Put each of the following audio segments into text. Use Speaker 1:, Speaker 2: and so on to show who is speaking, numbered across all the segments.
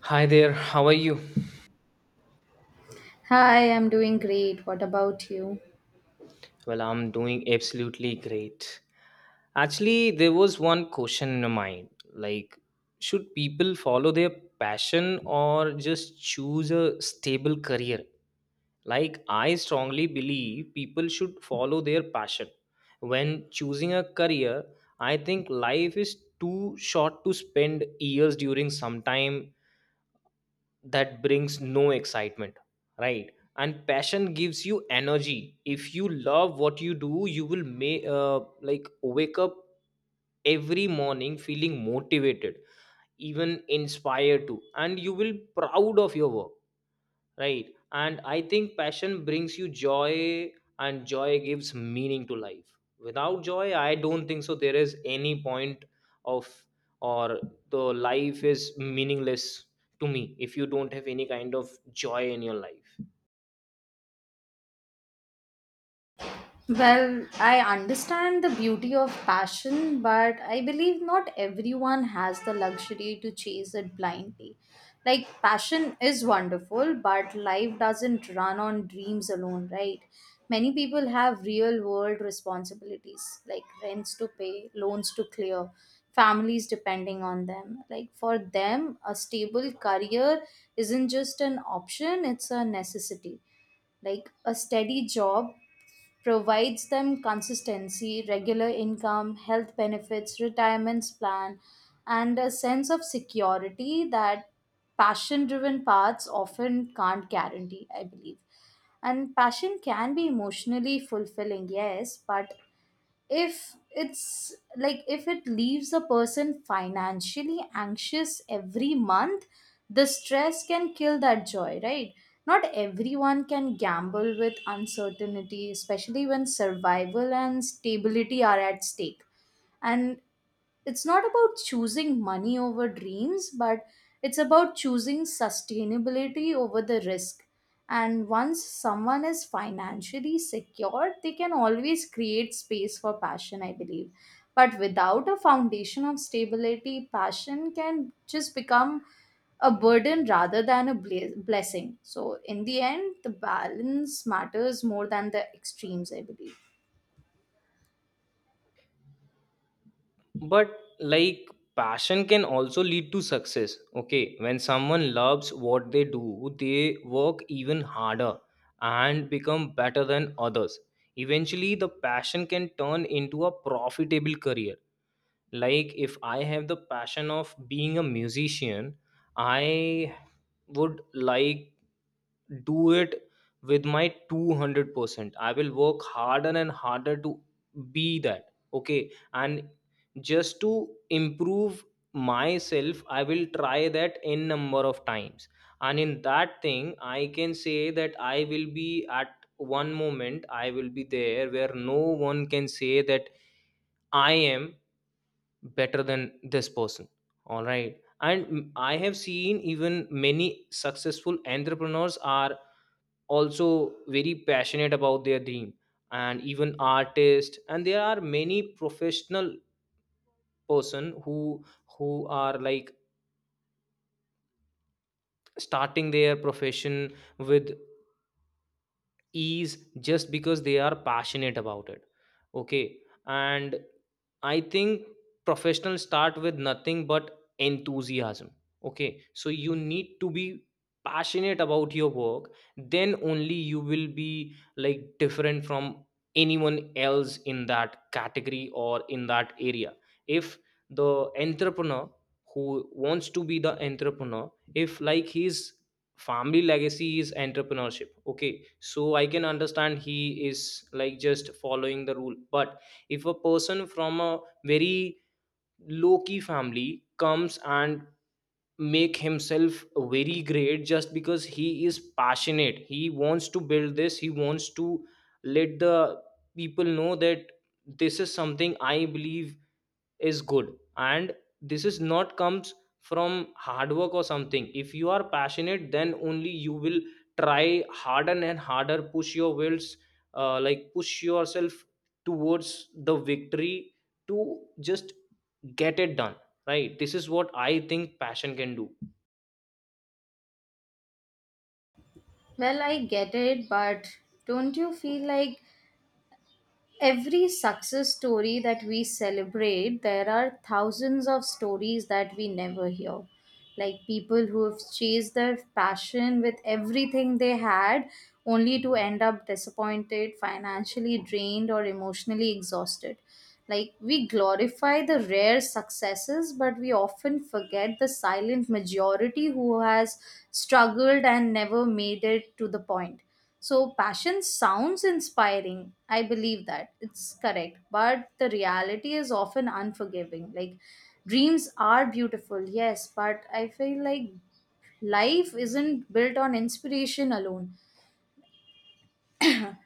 Speaker 1: Hi there, how are you?
Speaker 2: Hi, I'm doing great. What about you?
Speaker 1: Well, I'm doing absolutely great. Actually, there was one question in my mind, like, should people follow their passion or just choose a stable career? Like, I strongly believe people should follow their passion. When choosing a career, I think life is too short to spend years during sometime that brings no excitement, right, and passion gives you energy. If you love what you do you will may like wake up every morning feeling motivated, even inspired to, and you will proud of your work, right. And I think passion brings you joy, and joy gives meaning to life. Without joy I don't think so there is any point of or the Life is meaningless to me if you don't have any kind of joy in your life.
Speaker 2: Well, I understand the beauty of passion, but I believe not everyone has the luxury to chase it blindly. Like, passion is wonderful, but life doesn't run on dreams alone, right? Many people have real world responsibilities, like rents to pay, loans to clear, families depending on them. Like, for them, a stable career isn't just an option, it's a necessity. Like a steady job provides them consistency, regular income, health benefits, retirements plan, and a sense of security that passion driven paths often can't guarantee, I believe. And passion can be emotionally fulfilling, yes, but if it leaves a person financially anxious every month, the stress can kill that joy, right? Not everyone can gamble with uncertainty, especially when survival and stability are at stake. And it's not about choosing money over dreams, but it's about choosing sustainability over the risk. And once someone is financially secure, they can always create space for passion, I believe. But without a foundation of stability, passion can just become a burden rather than a blessing. So, in the end, the balance matters more than the extremes, I believe.
Speaker 1: But, like, passion can also lead to success. Okay, when someone loves what they do they work even harder and become better than others. Eventually the passion can turn into a profitable career. Like, if I have the passion of being a musician, I would like do it with my 200%. I will work harder and harder to be that. Okay, and just to improve myself I will try that n number of times, and in that thing I can say that I will be at one moment, I will be there where no one can say that I am better than this person. All right, and I have seen even many successful entrepreneurs are also very passionate about their dream, and even artists, and there are many professional person who are like starting their profession with ease just because they are passionate about it. Okay, and I think professionals start with nothing but enthusiasm. Okay, so you need to be passionate about your work, then only you will be like different from anyone else in that category or in that area. If the entrepreneur who wants to be the entrepreneur, if like he's family legacy is entrepreneurship, okay, so I can understand he is like just following the rule. But if a person from a very low key family comes and make himself very great just because he is passionate, he wants to build this, he wants to let the people know that this is something I believe is good, and this is not comes from hard work or something. If you are passionate then only you will try harder and harder, push your wills, like push yourself towards the victory to just get it done, right. This is what I think passion can do.
Speaker 2: Well, I get it, but don't you feel like every success story that we celebrate, there are thousands of stories that we never hear. Like people who have chased their passion with everything they had, only to end up disappointed, financially drained, or emotionally exhausted. Like, we glorify the rare successes, but we often forget the silent majority who has struggled and never made it to the point. So, passion sounds inspiring. I believe that it's correct, but the reality is often unforgiving. Like, dreams are beautiful, yes, but I feel like life isn't built on inspiration alone.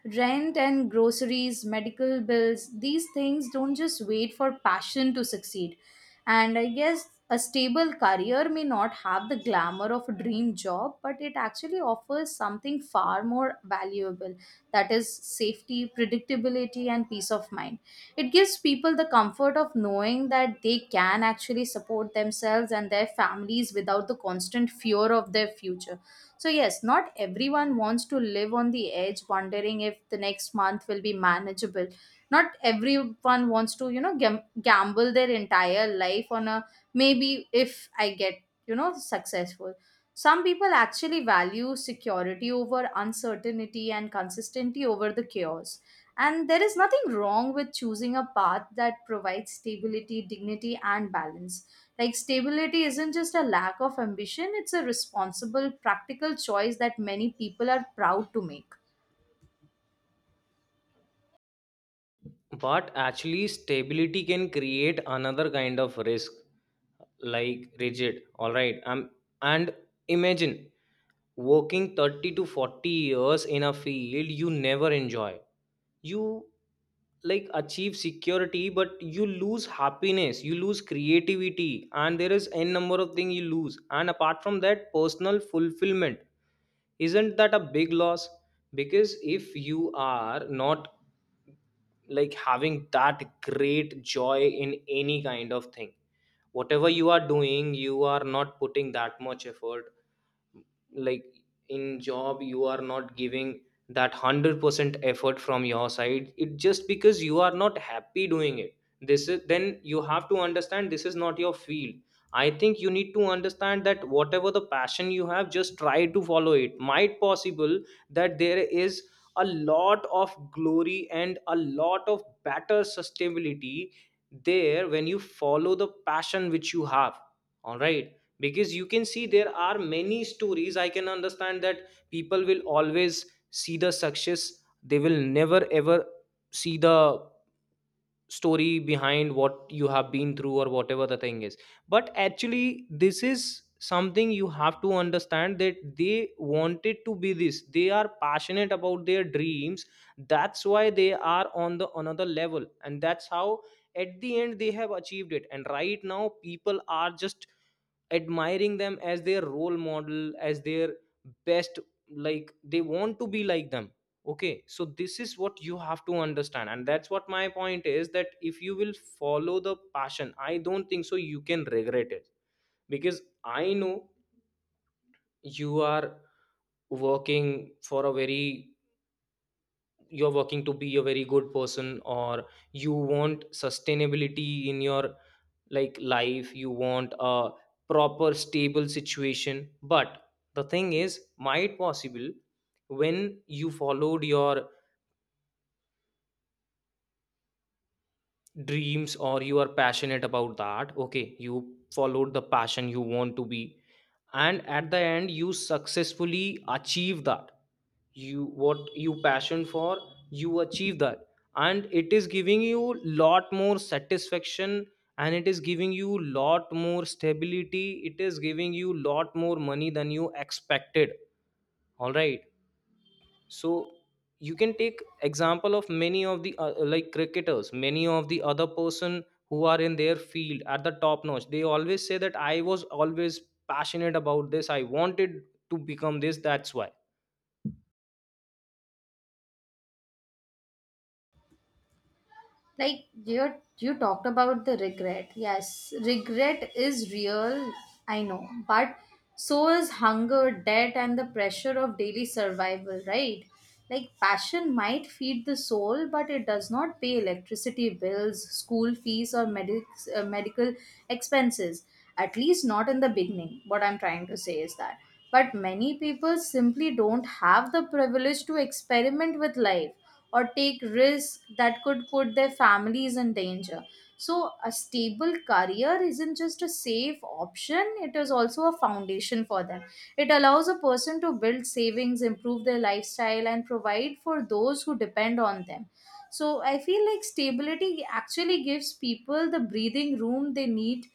Speaker 2: Rent and groceries, medical bills, these things don't just wait for passion to succeed. And I guess a stable career may not have the glamour of a dream job, but it actually offers something far more valuable, that is, safety, predictability, and peace of mind. It gives people the comfort of knowing that they can actually support themselves and their families without the constant fear of their future. So, yes, not everyone wants to live on the edge, wondering if the next month will be manageable. Not everyone wants to, you know, gamble their entire life on a maybe if I get, you know, successful. Some people actually value security over uncertainty and consistency over the chaos. And there is nothing wrong with choosing a path that provides stability, dignity, and balance. Like stability isn't just a lack of ambition, it's a responsible, practical choice that many people are proud to make.
Speaker 1: But actually stability can create another kind of risk, like rigid, all right. And imagine working 30 to 40 years in a field you never enjoy. You like achieve security, but you lose happiness, you lose creativity, and there is n number of things you lose, and apart from that personal fulfillment. Isn't that a big loss? Because if you are not like having that great joy in any kind of thing, whatever you are doing you are not putting that much effort, like in job you are not giving that 100% effort from your side, it just because you are not happy doing it. This is then you have to understand, this is not your field. I think you need to understand that whatever the passion you have, just try to follow. It might possible that there is a lot of glory and a lot of better sustainability there when you follow the passion which you have, all right. Because you can see there are many stories, I can understand that people will always see the success, they will never ever see the story behind what you have been through or whatever the thing is. But actually this is something you have to understand, that they wanted to be this, they are passionate about their dreams, that's why they are on the another level, and that's how at the end they have achieved it. And right now people are just admiring them as their role model, as their best, like they want to be like them. Okay, so this is what you have to understand, and that's what my point is, that if you will follow the passion I don't think so you can regret it. Because I know you are working for a very, you're working to be a very good person, or you want sustainability in your like life, you want a proper stable situation. But the thing is might possible when you followed your dreams or you are passionate about that, okay, you followed the passion, you want to be, and at the end you successfully achieve that. You what you passion for, you achieve that, and it is giving you lot more satisfaction, and it is giving you lot more stability, it is giving you lot more money than you expected, all right. So you can take example of many of the like cricketers, many of the other person who are in their field at the top notch. They always say that I was always passionate about this, I wanted to become this, that's why.
Speaker 2: Like you talked about the regret, yes, regret is real, I know, but so is hunger, debt, and the pressure of daily survival, right? Like passion might feed the soul, but it does not pay electricity bills, school fees, or medical expenses, at least not in the beginning. What I'm trying to say is that but many people simply don't have the privilege to experiment with life or take risks that could put their families in danger. So, a stable career isn't just a safe option, it is also a foundation for them. It allows a person to build savings, improve their lifestyle, and provide for those who depend on them. So, I feel like stability actually gives people the breathing room they need.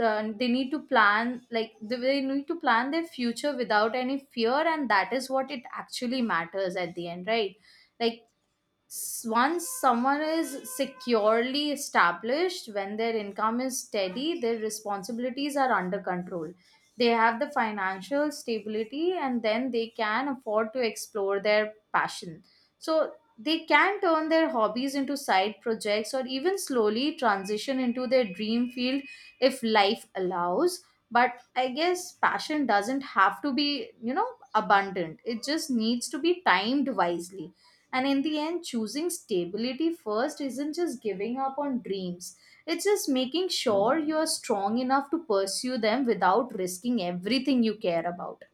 Speaker 2: They need to plan, like, they need to plan their future without any fear, and that is what it actually matters at the end, right? Like, once someone is securely established, when their income is steady, their responsibilities are under control, they have the financial stability, and then they can afford to explore their passion. So they can turn their hobbies into side projects or even slowly transition into their dream field if life allows. But I guess passion doesn't have to be, you know, abundant. It just needs to be timed wisely. And in the end, choosing stability first isn't just giving up on dreams, it's just making sure you're strong enough to pursue them without risking everything you care about.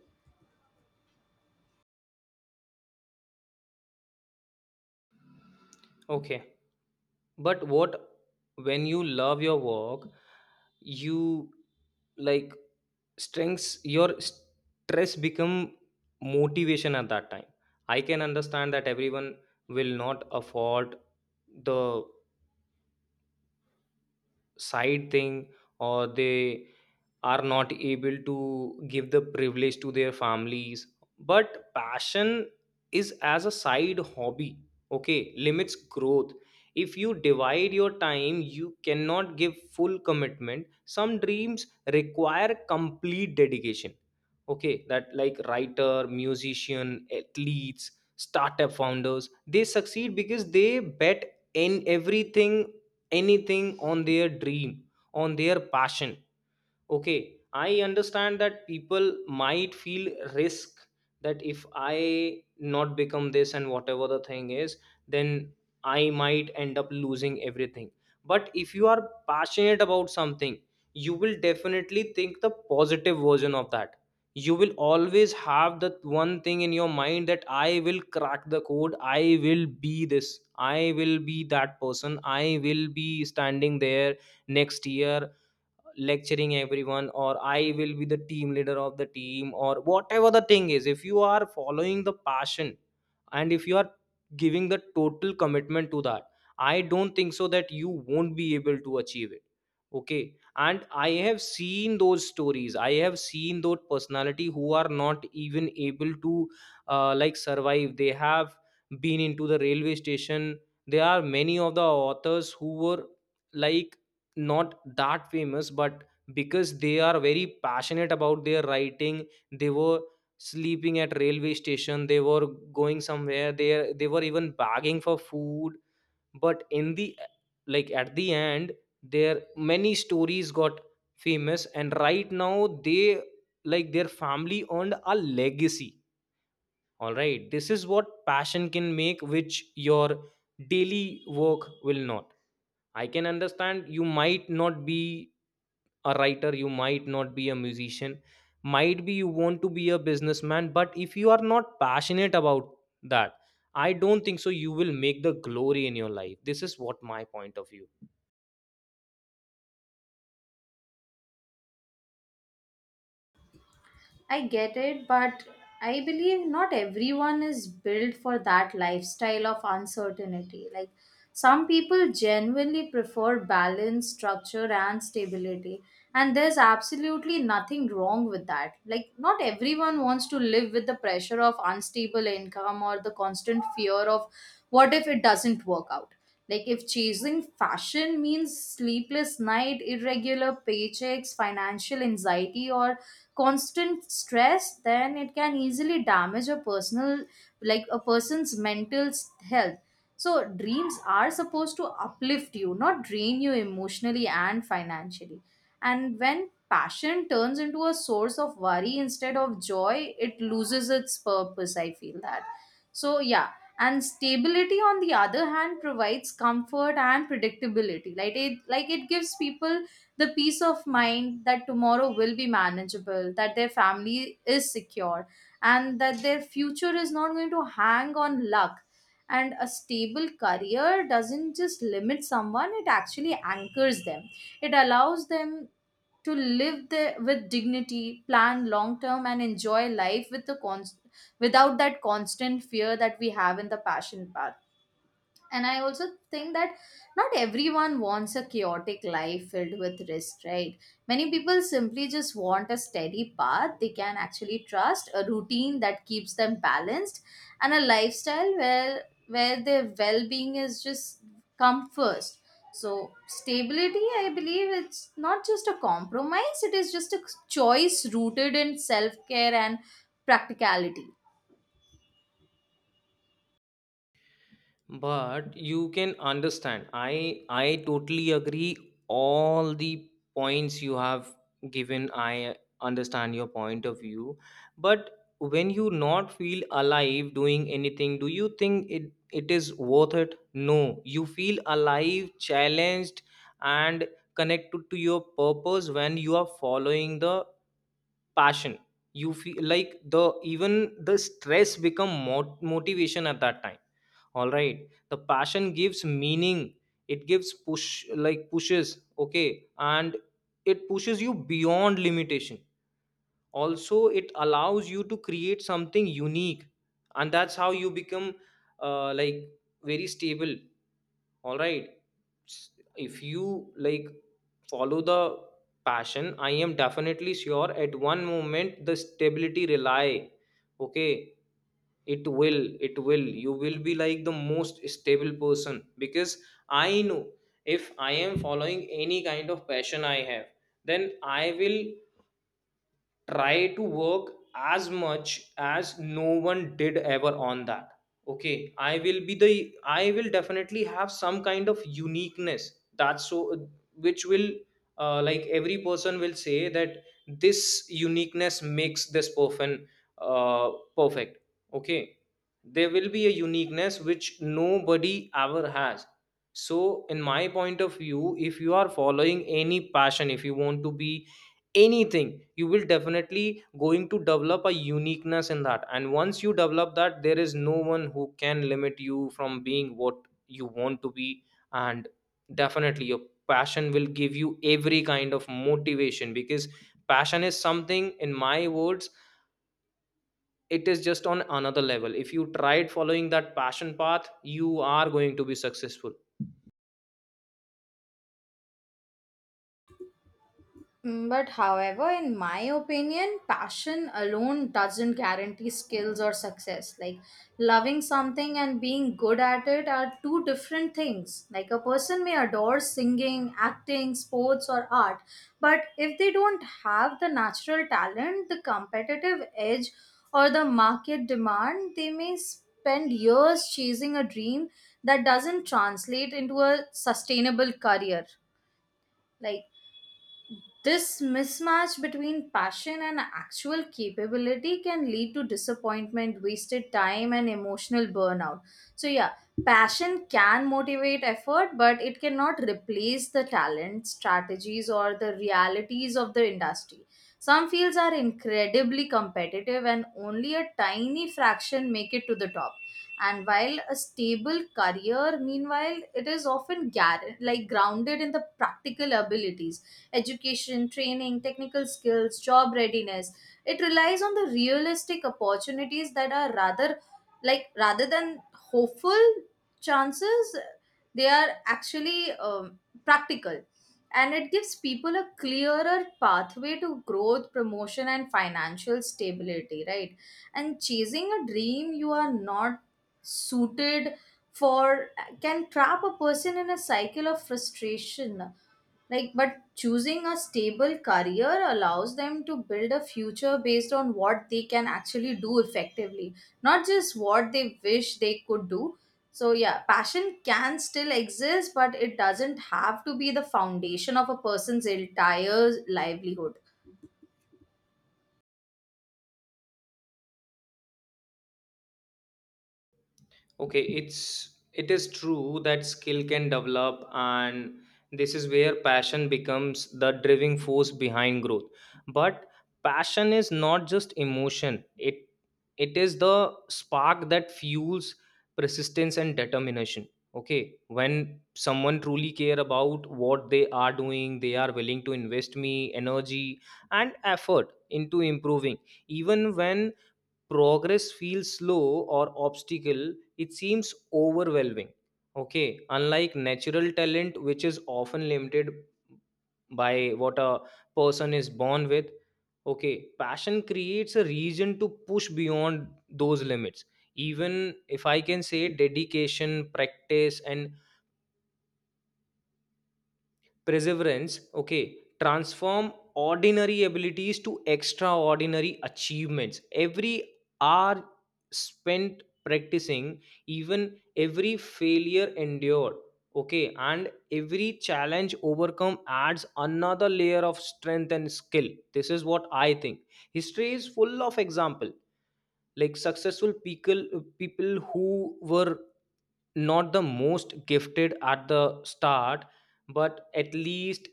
Speaker 1: Okay, but what, when you love your work you like strengths your stress become motivation at that time. I can understand that everyone will not afford the side thing, or they are not able to give the privilege to their families, but passion is as a side hobby, okay, limits growth. If you divide your time you cannot give full commitment. Some dreams require complete dedication. Okay, that like writer, musician, athletes, startup founders, they succeed because they bet in everything, anything on their dream, on their passion. Okay, I understand that people might feel risk, that if I not become this and whatever the thing is, then I might end up losing everything. But if you are passionate about something you will definitely think the positive version of that. You will always have that one thing in your mind, that I will crack the code, I will be this, I will be that person, I will be standing there next year lecturing everyone, or I will be the team leader of the team, or whatever the thing is. If you are following the passion, and if you are giving the total commitment to that, I don't think so that you won't be able to achieve it. Okay, and I have seen those stories, I have seen those personality who are not even able to like survive. They have been into the railway station. There are many of the authors who were like not that famous, but because they are very passionate about their writing they were sleeping at railway station, they were going somewhere, they were even begging for food. But in the like at the end their many stories got famous, and right now they like their family earned a legacy, all right. This is what passion can make, which your daily work will not. I can understand you might not be a writer, you might not be a musician, might be you want to be a businessman. But if you are not passionate about that, I don't think so you will make the glory in your life. This is what my point of view.
Speaker 2: I get it, but I believe not everyone is built for that lifestyle of uncertainty. Like some people genuinely prefer balance, structure, and stability, and there's absolutely nothing wrong with that. Like, not everyone wants to live with the pressure of unstable income or the constant fear of what if it doesn't work out. Like, if chasing fashion means sleepless night, irregular paychecks, financial anxiety, or constant stress, then it can easily damage a personal, like a person's mental health. So dreams are supposed to uplift you, not drain you emotionally and financially. And when passion turns into a source of worry instead of joy, it loses its purpose, I feel that. So yeah, and stability on the other hand provides comfort and predictability. Like it gives people the peace of mind that tomorrow will be manageable, that their family is secure, and that their future is not going to hang on luck. And a stable career doesn't just limit someone, it actually anchors them. It allows them to live the, with dignity, plan long term, and enjoy life with the without that constant fear that we have in the passion part. And I also think that not everyone wants a chaotic life filled with risk, right? Many people simply just want a steady path they can actually trust, a routine that keeps them balanced, and a lifestyle where their well-being is just come first. So stability, I believe, it's not just a compromise, it is just a choice rooted in self-care and practicality.
Speaker 1: But you can understand, I totally agree all the points you have given, I understand your point of view. But when you not feel alive doing anything, do you think it it is worth it? No, you feel alive, challenged, and connected to your purpose when you are following the passion. You feel like the even the stress become motivation at that time, all right. The passion gives meaning, it gives push, like pushes, okay, and it pushes you beyond limitation. Also it allows you to create something unique, and that's how you become like very stable, all right. If you like follow the passion, I am definitely sure at one moment the stability rely, okay, it will, it will, you will be like the most stable person. Because I know if I am following any kind of passion I have, then I will try to work as much as no one did ever on that. Okay, I will be the, I will definitely have some kind of uniqueness, that's so, which will like every person will say that this uniqueness makes this person uh, perfect. Okay, there will be a uniqueness which nobody ever has. So in my point of view, if you are following any passion, if you want to be anything, you will definitely going to develop a uniqueness in that, and once you develop that there is no one who can limit you from being what you want to be. And definitely your passion will give you every kind of motivation, because passion is something, in my words it is just on another level. If you tried following That passion path, you are going to be successful.
Speaker 2: But however, in my opinion, passion alone doesn't guarantee skills or success. Like loving something and being good at it are two different things. Like a person may adore singing, acting, sports, or art, but if they don't have the natural talent, the competitive edge, or the market demand, they may spend years chasing a dream that doesn't translate into a sustainable career. Like this mismatch between passion and actual capability can lead to disappointment, wasted time, and emotional burnout. So, yeah, passion can motivate effort, but it cannot replace the talent, strategies, or the realities of the industry. Some fields are incredibly competitive, and only a tiny fraction make it to the top. And while a stable career, meanwhile, it is often like grounded in the practical abilities, education, training, technical skills, job readiness. It relies on the realistic opportunities that are rather like rather than hopeful chances, they are actually practical, and it gives people a clearer pathway to growth, promotion, and financial stability, right? And chasing a dream you are not suited for can trap a person in a cycle of frustration. Like, but choosing a stable career allows them to build a future based on what they can actually do effectively, not just what they wish they could do. So, yeah, passion can still exist, but it doesn't have to be the foundation of a person's entire livelihood.
Speaker 1: Okay, it is true that skill can develop, and this is where passion becomes the driving force behind growth. But passion is not just emotion. It is the spark that fuels persistence and determination. Okay, when someone truly care about what they are doing, they are willing to invest me energy and effort into improving, even when progress feels slow or obstacle it seems overwhelming. Okay, unlike natural talent, which is often limited by what a person is born with. Okay, passion creates a reason to push beyond those limits, even if I can say dedication, practice, and perseverance. Okay, transform ordinary abilities to extraordinary achievements. Every hour spent practicing, even every failure endured, okay, and every challenge overcome adds another layer of strength and skill. This is what I think. History is full of example, like successful people, people who were not the most gifted at the start, but at least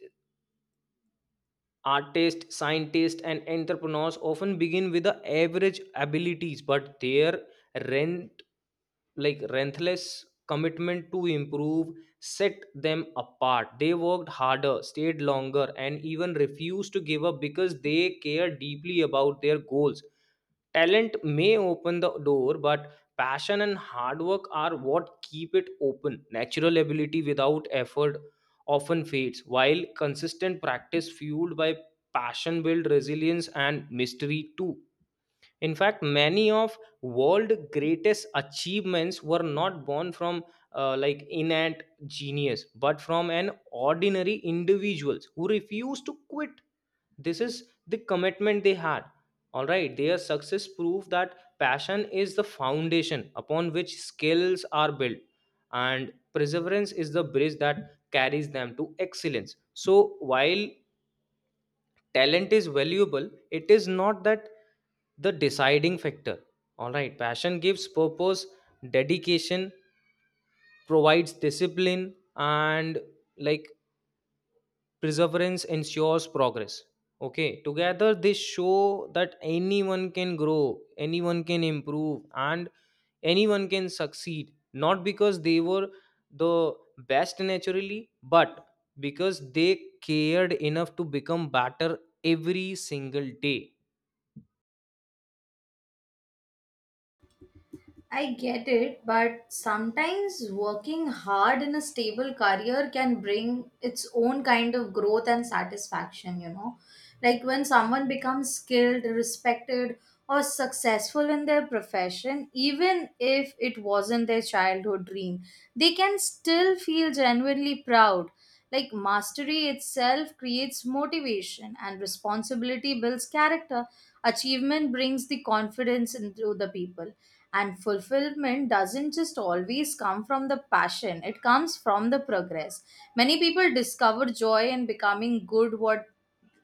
Speaker 1: artists, scientists, and entrepreneurs often begin with the average abilities, but their rent like relentless commitment to improve set them apart. They worked harder, stayed longer, and even refused to give up because they care deeply about their goals. Talent may open the door, but passion and hard work are what keep it open. Natural ability without effort often fades, while consistent practice fueled by passion builds resilience and mystery too. In fact, many of world greatest achievements were not born from like innate genius, but from an ordinary individuals who refused to quit. This is the commitment they had. All right, their success proved that passion is the foundation upon which skills are built, and perseverance is the bridge that carries them to excellence. So while talent is valuable, it is not that the deciding factor. All right, passion gives purpose, dedication provides discipline, and like perseverance ensures progress. Okay, together they show that anyone can grow, anyone can improve, and anyone can succeed, not because they were the best naturally, but because they cared enough to become better every single day.
Speaker 2: I get it, but sometimes working hard in a stable career can bring its own kind of growth and satisfaction, you know. Like when someone becomes skilled, respected, or successful in their profession, even if it wasn't their childhood dream, they can still feel genuinely proud. Like mastery itself creates motivation, and responsibility builds character. Achievement brings the confidence into the people, and fulfillment doesn't just always come from the passion, it comes from the progress. Many people discover joy in becoming good what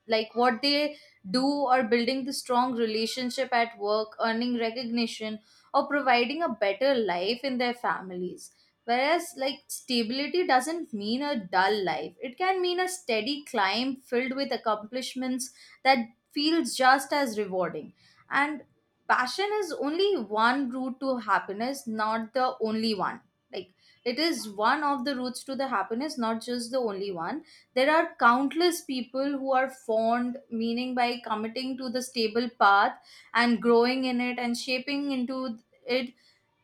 Speaker 2: like what they do, or building the strong relationship at work, earning recognition, or providing a better life in their families. Whereas like stability doesn't mean a dull life, it can mean a steady climb filled with accomplishments that feels just as rewarding. And passion is only one route to happiness, not the only one. Like, it is one of the routes to the happiness, not just the only one. There are countless people who are fond, meaning by committing to the stable path and growing in it and shaping into it,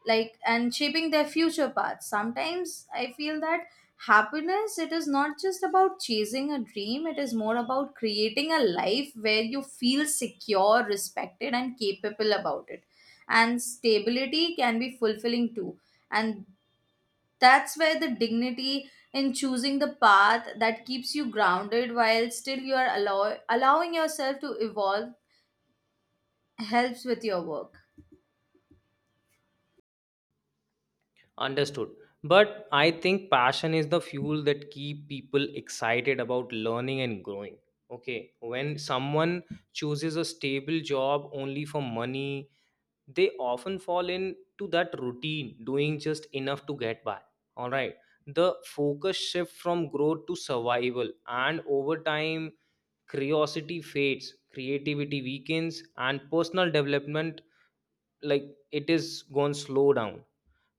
Speaker 2: like and shaping their future path. Sometimes I feel that happiness, it is not just about chasing a dream, it is more about creating a life where you feel secure, respected, and capable about it. And stability can be fulfilling too. And that's where the dignity in choosing the path that keeps you grounded while still you are allowing yourself to evolve helps with your work.
Speaker 1: Understood. But I think passion is the fuel that keep people excited about learning and growing. Okay, when someone chooses a stable job only for money, they often fall into that routine, doing just enough to get by. All right. The focus shift from growth to survival, and over time, curiosity fades, creativity weakens, and personal development, like, it is gone slow down.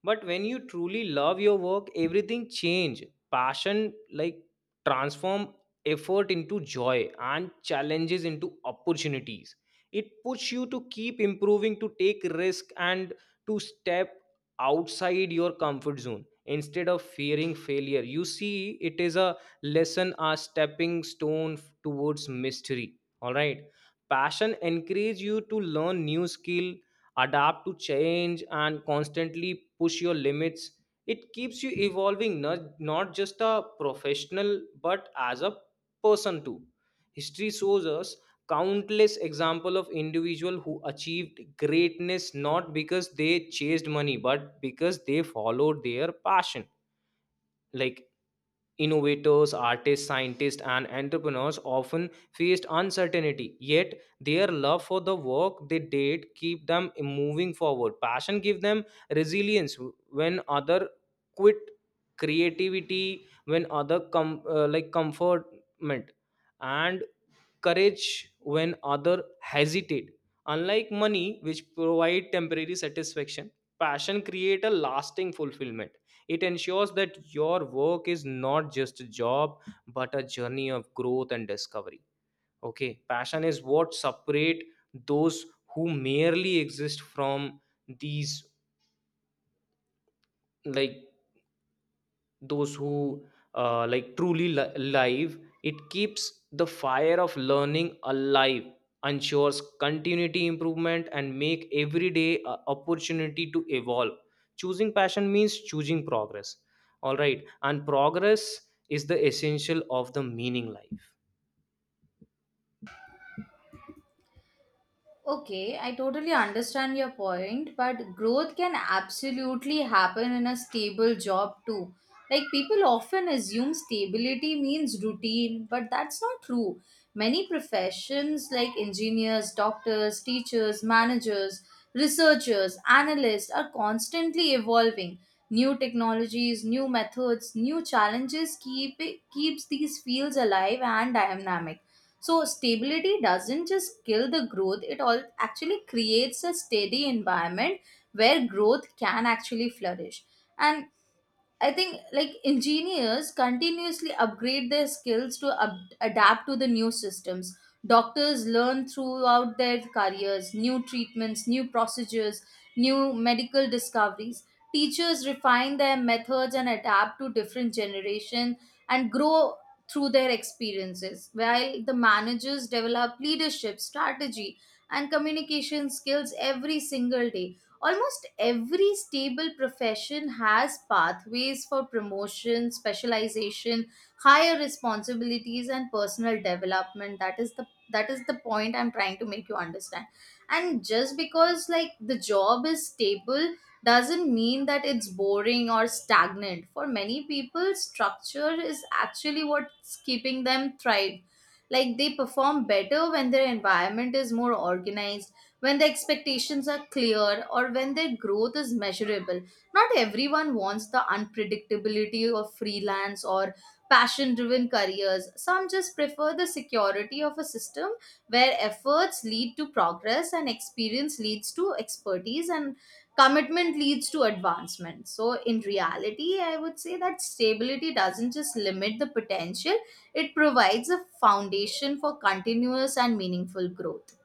Speaker 1: But when you truly love your work, everything change. Passion like transform effort into joy and challenges into opportunities. It puts you to keep improving, to take risk, and to step outside your comfort zone. Instead of fearing failure, you see it is a lesson, a stepping stone towards mystery. All right, passion encourages you to learn new skill, adapt to change, and constantly push your limits. It keeps you evolving, not just a professional but as a person too. History shows us countless example of individual who achieved greatness not because they chased money but because they followed their passion. Like innovators, artists, scientists, and entrepreneurs often faced uncertainty, yet their love for the work they did keep them moving forward. Passion gave them resilience when other quit, creativity when other like comfortment, and courage when others hesitate. Unlike money, which provide temporary satisfaction, passion create a lasting fulfillment. It ensures that your work is not just a job, but a journey of growth and discovery. Okay, passion is what separate those who merely exist from these, like those who like truly live. It keeps the fire of learning alive, ensures continuity improvement, and make every day a opportunity to evolve. Choosing passion means choosing progress. All right, and progress is the essential of the meaning life.
Speaker 2: Okay, I totally understand your point, but growth can absolutely happen in a stable job too. Like people often assume stability means routine, but that's not true. Many professions like engineers, doctors, teachers, managers, researchers, analysts are constantly evolving. New technologies, new methods, new challenges keep keeps these fields alive and dynamic. So stability doesn't just kill the growth, it all actually creates a steady environment where growth can actually flourish. And I think like engineers continuously upgrade their skills to adapt to the new systems. Doctors learn throughout their careers new treatments, new procedures, new medical discoveries. Teachers refine their methods and adapt to different generation and grow through their experiences. While the managers develop leadership, strategy, and communication skills every single day. Almost every stable profession has pathways for promotion, specialization, higher responsibilities, and personal development. That is the point I'm trying to make you understand. And just because like the job is stable doesn't mean that it's boring or stagnant. For many people, structure is actually what's keeping them thrive. Like they perform better when their environment is more organized, when the expectations are clear, or when their growth is measurable. Not everyone wants the unpredictability of freelance or passion driven careers. Some just prefer the security of a system where efforts lead to progress, and experience leads to expertise, and commitment leads to advancement. So, in reality, I would say that stability doesn't just limit the potential, it provides a foundation for continuous and meaningful growth.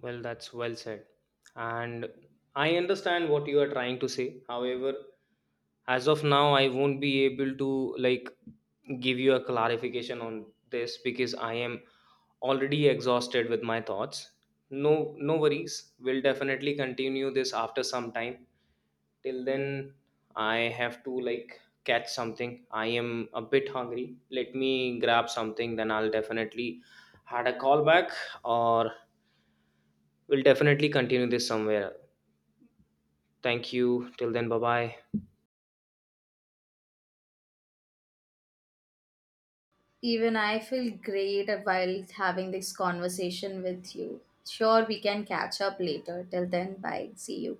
Speaker 1: Well, that's well said. And I understand what you are trying to say. However, as of now, I won't be able to like give you a clarification on this because I am already exhausted with my thoughts. No worries. We'll definitely continue this after some time. Till then, I have to like catch something. I am a bit hungry. Let me grab something, then I'll definitely had a call back. Or we'll definitely continue this somewhere. Thank you. Till then, bye bye.
Speaker 2: Even I feel great while having this conversation with you. Sure, we can catch up later. Till then, bye. See you.